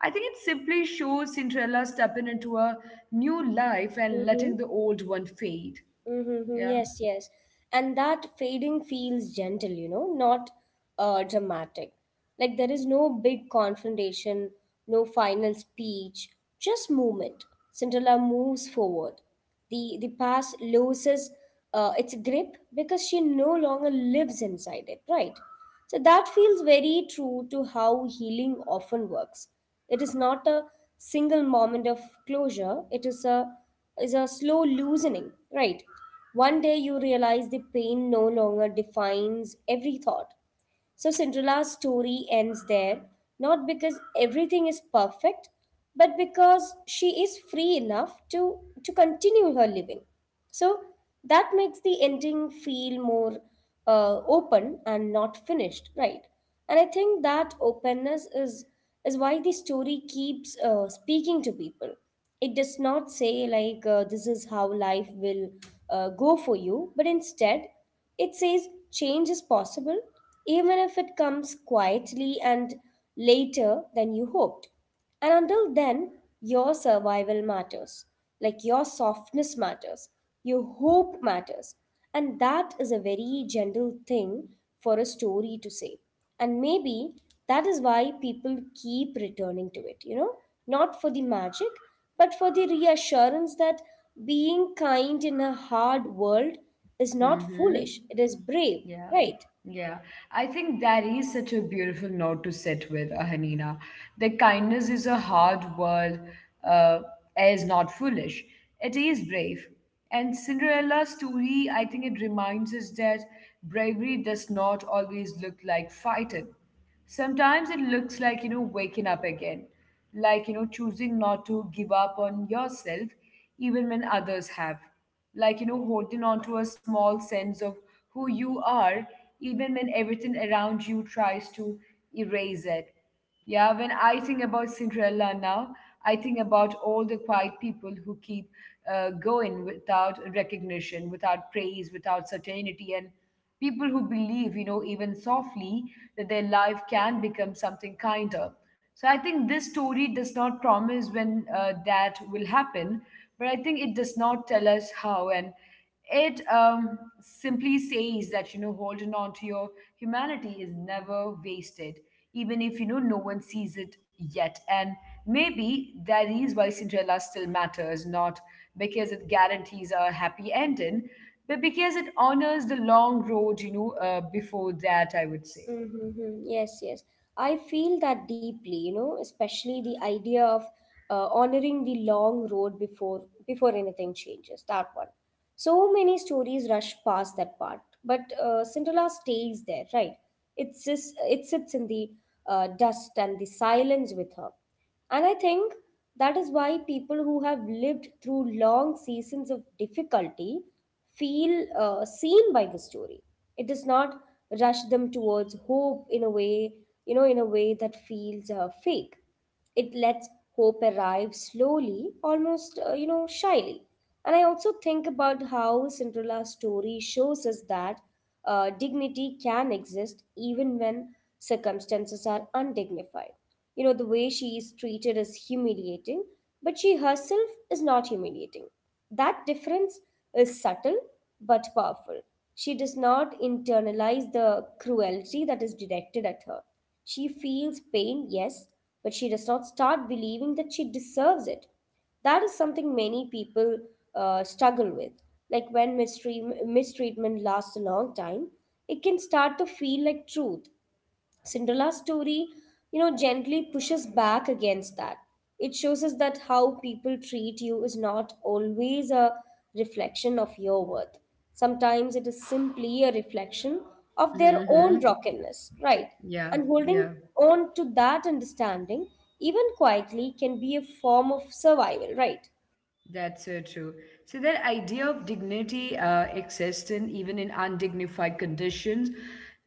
I think it simply shows Cinderella stepping into a new life and Mm-hmm. letting the old one fade. Mm-hmm. Yeah. Yes, yes. And that fading feels gentle, you know, not uh, dramatic. Like there is no big confrontation, no final speech, just movement. Cinderella moves forward. The the past loses uh, its grip because she no longer lives inside it, right? So that feels very true to how healing often works. It is not a single moment of closure, it is a is a slow loosening, right? One day you realize the pain no longer defines every thought. So Cinderella's story ends there, not because everything is perfect, but because she is free enough to, to continue her living. So that makes the ending feel more uh, open and not finished, right? And I think that openness is is why the story keeps uh, speaking to people. It does not say like uh, this is how life will uh, go for you, but instead it says change is possible, even if it comes quietly and later than you hoped. And until then, your survival matters. Like your softness matters, your hope matters. And that is a very gentle thing for a story to say. And maybe that is why people keep returning to it, you know, not for the magic, but for the reassurance that being kind in a hard world is not Mm-hmm. foolish, it is brave, Yeah, right? yeah. I think that is such a beautiful note to sit with, uh, Hanina. That kindness is a hard word, uh, is not foolish. It is brave. And Cinderella's story, I think it reminds us that bravery does not always look like fighting. Sometimes it looks like, you know waking up again, like, you know choosing not to give up on yourself even when others have, like, you know holding on to a small sense of who you are, even when everything around you tries to erase it. Yeah, when I think about Cinderella now, I think about all the quiet people who keep uh, going without recognition, without praise, without certainty, and people who believe, you know, even softly, that their life can become something kinder. So I think this story does not promise when uh, that will happen, but I think it does not tell us how. And it um, simply says that, you know holding on to your humanity is never wasted, even if, you know no one sees it yet. And maybe that is why Cinderella still matters, not because it guarantees a happy ending, but because it honors the long road, you know uh, before that, I would say. Mm-hmm. Yes, yes. I feel that deeply, you know, especially the idea of uh, honoring the long road before before anything changes. That one. So many stories rush past that part, but uh, Cinderella stays there, right? It sits, it sits in the uh, dust and the silence with her. And I think that is why people who have lived through long seasons of difficulty feel uh, seen by the story. It does not rush them towards hope in a way, you know, in a way that feels uh, fake. It lets hope arrive slowly, almost, uh, you know, shyly. And I also think about how Cinderella's story shows us that uh, dignity can exist even when circumstances are undignified. You know, the way she is treated is humiliating, but she herself is not humiliating. That difference is subtle but powerful. She does not internalize the cruelty that is directed at her. She feels pain, yes, but she does not start believing that she deserves it. That is something many people uh, struggle with. Like when mistreat- mistreatment lasts a long time, it can start to feel like truth. Cinderella's story, you know, gently pushes back against that. It shows us that how people treat you is not always a reflection of your worth. Sometimes it is simply a reflection of their own Mm-hmm. brokenness, right? Yeah, And holding yeah. on to that understanding, even quietly, can be a form of survival, right? That's so true. So that idea of dignity uh, existing even in undignified conditions,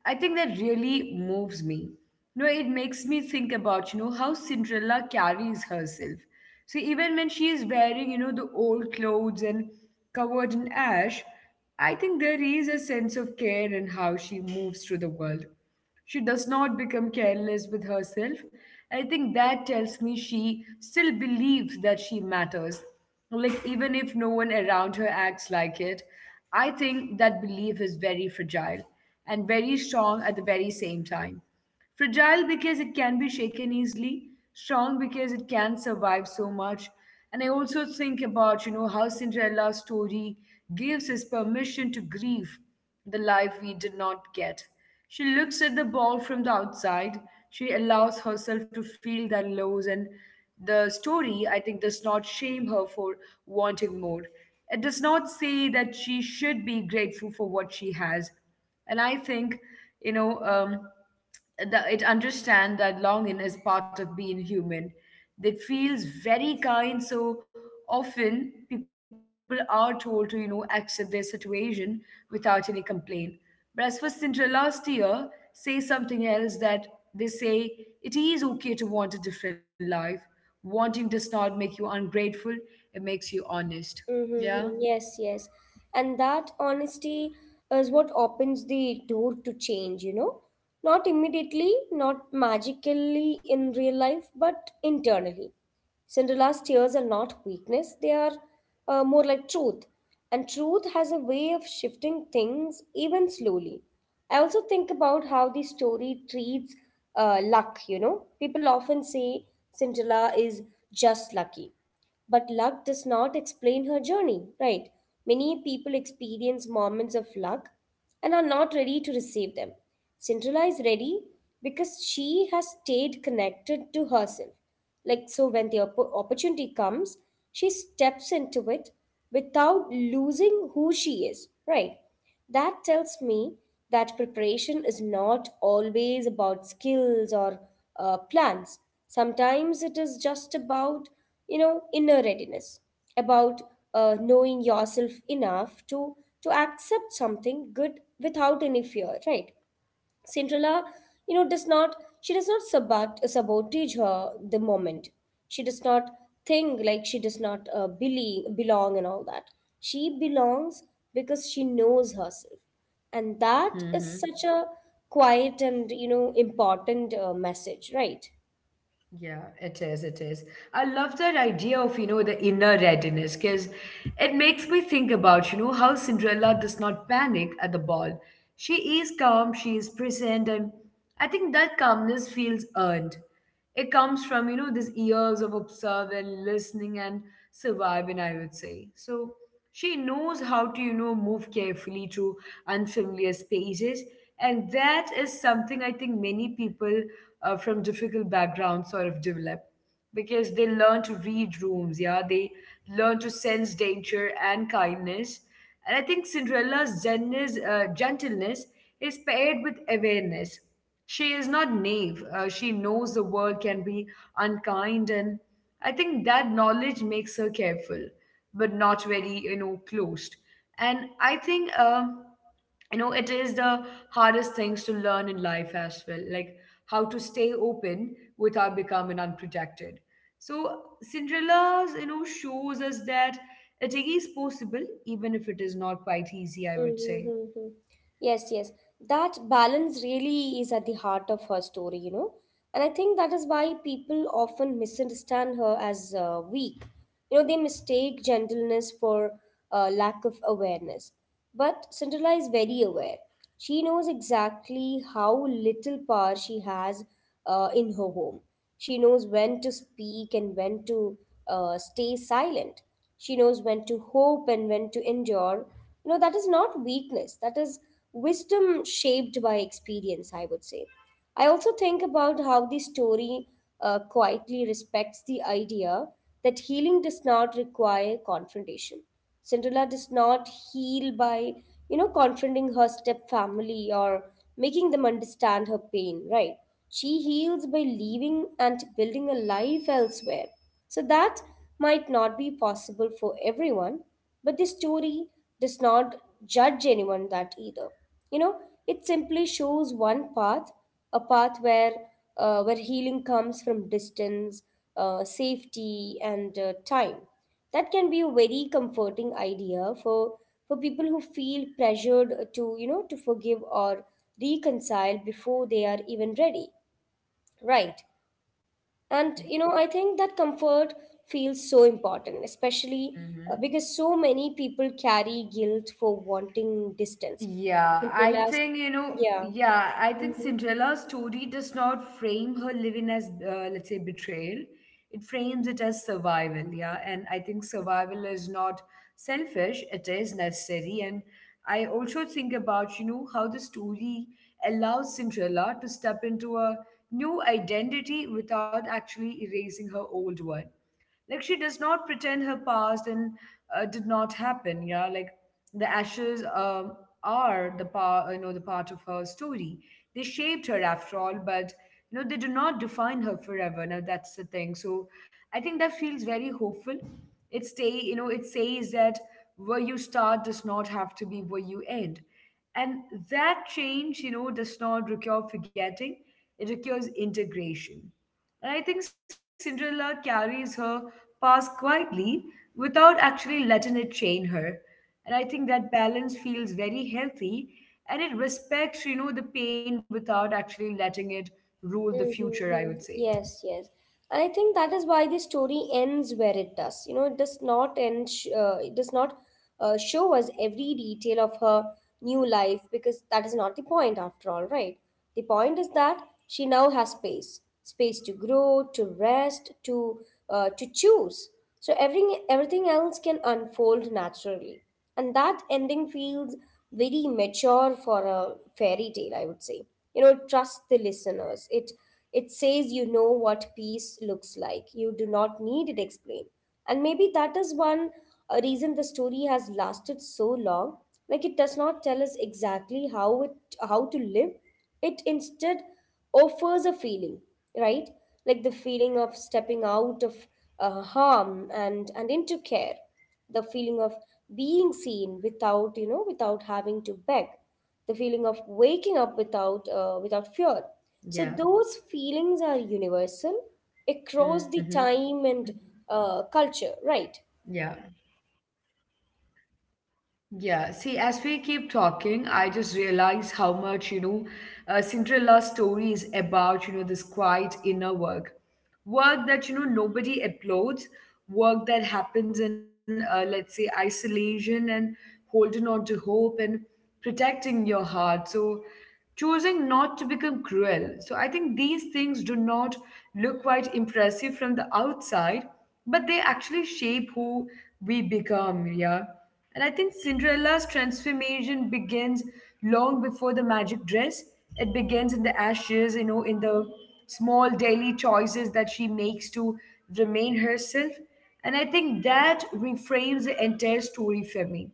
I think that really moves me. You know, it makes me think about, you know how Cinderella carries herself. So even when she is wearing, you know the old clothes and covered in ash, I think there is a sense of care in how she moves through the world. She does not become careless with herself. I think that tells me she still believes that she matters. Like, even if no one around her acts like it, I think that belief is very fragile and very strong at the very same time. Fragile because it can be shaken easily, strong because it can survive so much. And I also think about, you know, how Cinderella's story gives us permission to grieve the life we did not get. She looks at the ball from the outside. She allows herself to feel that lows, and the story, I think, does not shame her for wanting more. It does not say that she should be grateful for what she has. And I think, you know, um, the, it understands that longing is part of being human. That feels very kind. So often people are told to, you know accept their situation without any complaint, but as for Cinderella, last year say something else, that they say it is okay to want a different life. Wanting does not make you ungrateful, it makes you honest. Mm-hmm. Yeah. Yes, yes. And that honesty is what opens the door to change, you know? Not immediately, not magically in real life, but internally. Cinderella's tears are not weakness, they are uh, more like truth. And truth has a way of shifting things even slowly. I also think about how the story treats uh, luck, you know. People often say Cinderella is just lucky, but luck does not explain her journey, right? Many people experience moments of luck and are not ready to receive them. Cinderella is ready because she has stayed connected to herself. Like, so when the oppo- opportunity comes, she steps into it without losing who she is, right? That tells me that preparation is not always about skills or uh, plans. Sometimes it is just about, you know, inner readiness about uh, knowing yourself enough to to accept something good without any fear, right? Cinderella, you know, does not she does not sabot- sabotage her the moment. She does not think like, she does not uh, believe, belong and all that. She belongs because she knows herself, and that is hmm such a quiet and you know important uh, message, right? Yeah, it is. It is. I love that idea of, you know, the inner readiness because it makes me think about, you know, how Cinderella does not panic at the ball. She is calm, she is present, and I think that calmness feels earned. It comes from, you know, these years of observe and listening and surviving, I would say. So she knows how to, you know, move carefully through unfamiliar spaces. And that is something I think many people uh, from difficult backgrounds sort of develop because they learn to read rooms, yeah, they learn to sense danger and kindness. And I think Cinderella's gentleness, uh, gentleness is paired with awareness. She is not naive, uh, she knows the world can be unkind, and I think that knowledge makes her careful, but not very, you know, closed. And I think, uh, you know, it is the hardest things to learn in life as well, like how to stay open without becoming unprotected. So Cinderella's, you know, shows us that it is possible, even if it is not quite easy, I would say. Mm-hmm. Yes, yes. That balance really is at the heart of her story, you know. And I think that is why people often misunderstand her as uh, weak. You know, they mistake gentleness for uh, lack of awareness. But Cinderella is very aware. She knows exactly how little power she has uh, in her home. She knows when to speak and when to uh, stay silent. She knows when to hope and when to endure. You know, that is not weakness, that is wisdom shaped by experience, I would say. I also think about how the story uh, quietly respects the idea that healing does not require confrontation. Cinderella does not heal by, you know, confronting her step family or making them understand her pain, right? She heals by leaving and building a life elsewhere. So that might not be possible for everyone, but the story does not judge anyone that either. You know, it simply shows one path, a path where uh, where healing comes from distance, uh, safety, and uh, time. That can be a very comforting idea for for people who feel pressured to, you know, to forgive or reconcile before they are even ready, right? And you know, I think that comfort feels so important, especially uh, Mm-hmm. because so many people carry guilt for wanting distance. Yeah, I Centralized, think, you know, yeah. yeah, I think Hmm. Cinderella's story does not frame her living as, uh, let's say, betrayal. It frames it as survival, yeah. And I think survival is not selfish, it is necessary. And I also think about, you know, how the story allows Cinderella to step into a new identity without actually erasing her old one. Like, she does not pretend her past and uh, did not happen, yeah, like the ashes um, are the part you know the part of her story. They shaped her after all, but, you know they do not define her forever, now that's the thing. So I think that feels very hopeful. It stay, you know it says that where you start does not have to be where you end, and that change, you know does not require forgetting, it requires integration. And I think Cinderella carries her past quietly without actually letting it chain her. And I think that balance feels very healthy, and it respects, you know, the pain without actually letting it rule the future, I Mm-hmm. would say. Yes, yes. And I think that is why the story ends where it does. You know, it does not end, sh- uh, it does not uh, show us every detail of her new life because that is not the point after all, right? The point is that she now has space, space to grow, to rest, to uh, to choose. So everything everything else can unfold naturally. And that ending feels very mature for a fairy tale, I would say. You know, trust the listeners. It it says you know what peace looks like. You do not need it explained. And maybe that is one uh, reason the story has lasted so long. Like it does not tell us exactly how it how to live, it instead offers a feeling, right? Like the feeling of stepping out of uh, harm and, and into care, the feeling of being seen without, Yeah. you know, without having to beg, the Mm-hmm. feeling of waking up without, uh, without fear. So Yeah. those feelings are universal across the Mm-hmm. time and uh, culture, right? Yeah. Yeah, see, as we keep talking, I just realize how much, you know, uh, Cinderella's story is about, you know, this quiet inner work. Work that, you know, nobody applauds, work that happens in, uh, let's say, isolation, and holding on to hope, and protecting your heart. So, choosing not to become cruel. So, I think these things do not look quite impressive from the outside, but they actually shape who we become, yeah. And I think Cinderella's transformation begins long before the magic dress. It begins in the ashes, you know, in the small daily choices that she makes to remain herself. And I think that reframes the entire story for me.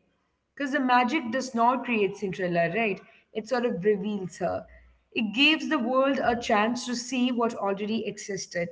Because the magic does not create Cinderella, right? It sort of reveals her. It gives the world a chance to see what already existed,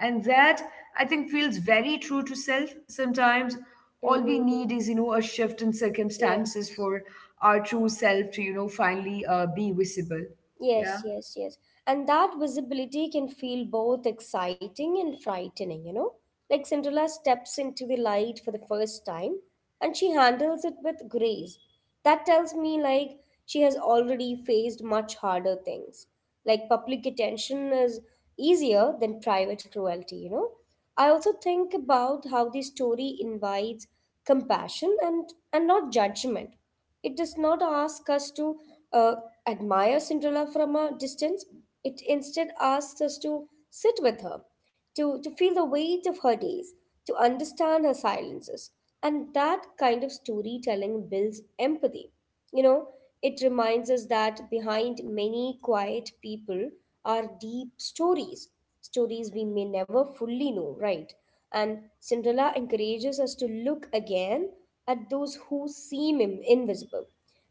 and that I think feels very true to self. Sometimes all we Hmm. need is, you know a shift in circumstances Yes. for our true self to, you know finally uh, be visible. Yes, Yeah. yes, yes. And that visibility can feel both exciting and frightening, you know? Like Cinderella steps into the light for the first time and she handles it with grace. That tells me like she has already faced much harder things. Like public attention is easier than private cruelty, you know? I also think about how the story invites compassion and, and not judgment. It does not ask us to uh, admire Cinderella from a distance. It instead asks us to sit with her, to, to feel the weight of her days, to understand her silences. And that kind of storytelling builds empathy. You know, it reminds us that behind many quiet people are deep stories, stories we may never fully know, right? And Cinderella encourages us to look again at those who seem im- invisible.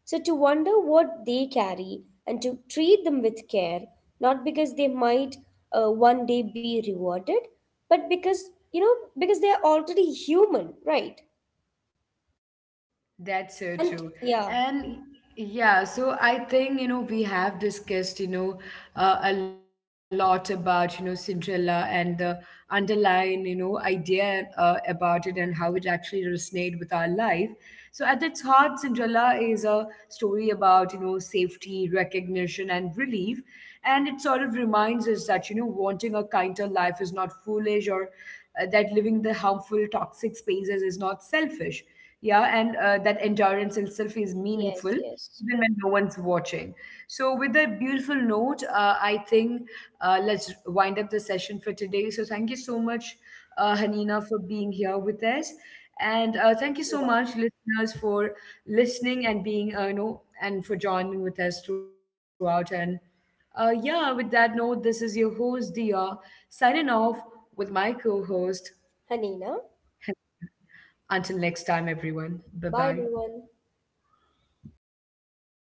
So, to wonder what they carry and to treat them with care, not because they might uh, one day be rewarded, but because, you know, because they are already human, right? That's so And true. yeah, And yeah, so I think, you know, we have discussed, you know, uh, a lot about, you know, Cinderella and the underlying, you know, idea uh, about it, and how it actually resonates with our life. So at its heart, Cinderella is a story about, you know, safety, recognition, and relief. And it sort of reminds us that, you know, wanting a kinder life is not foolish, or uh, that living the harmful, toxic spaces is not selfish. Yeah. And uh, that endurance itself is meaningful yes, yes. even when no one's watching. So with that beautiful note, uh, I think, uh, let's wind up the session for today. So thank you so much, uh, Hanina, for being here with us, and uh, thank you You're so right. much, listeners, for listening, and being, uh, you know and for joining with us throughout. And, uh, yeah, with that note, this is your host Dia, signing off with my co-host Hanina. until next time, everyone. Bye bye. Bye, everyone.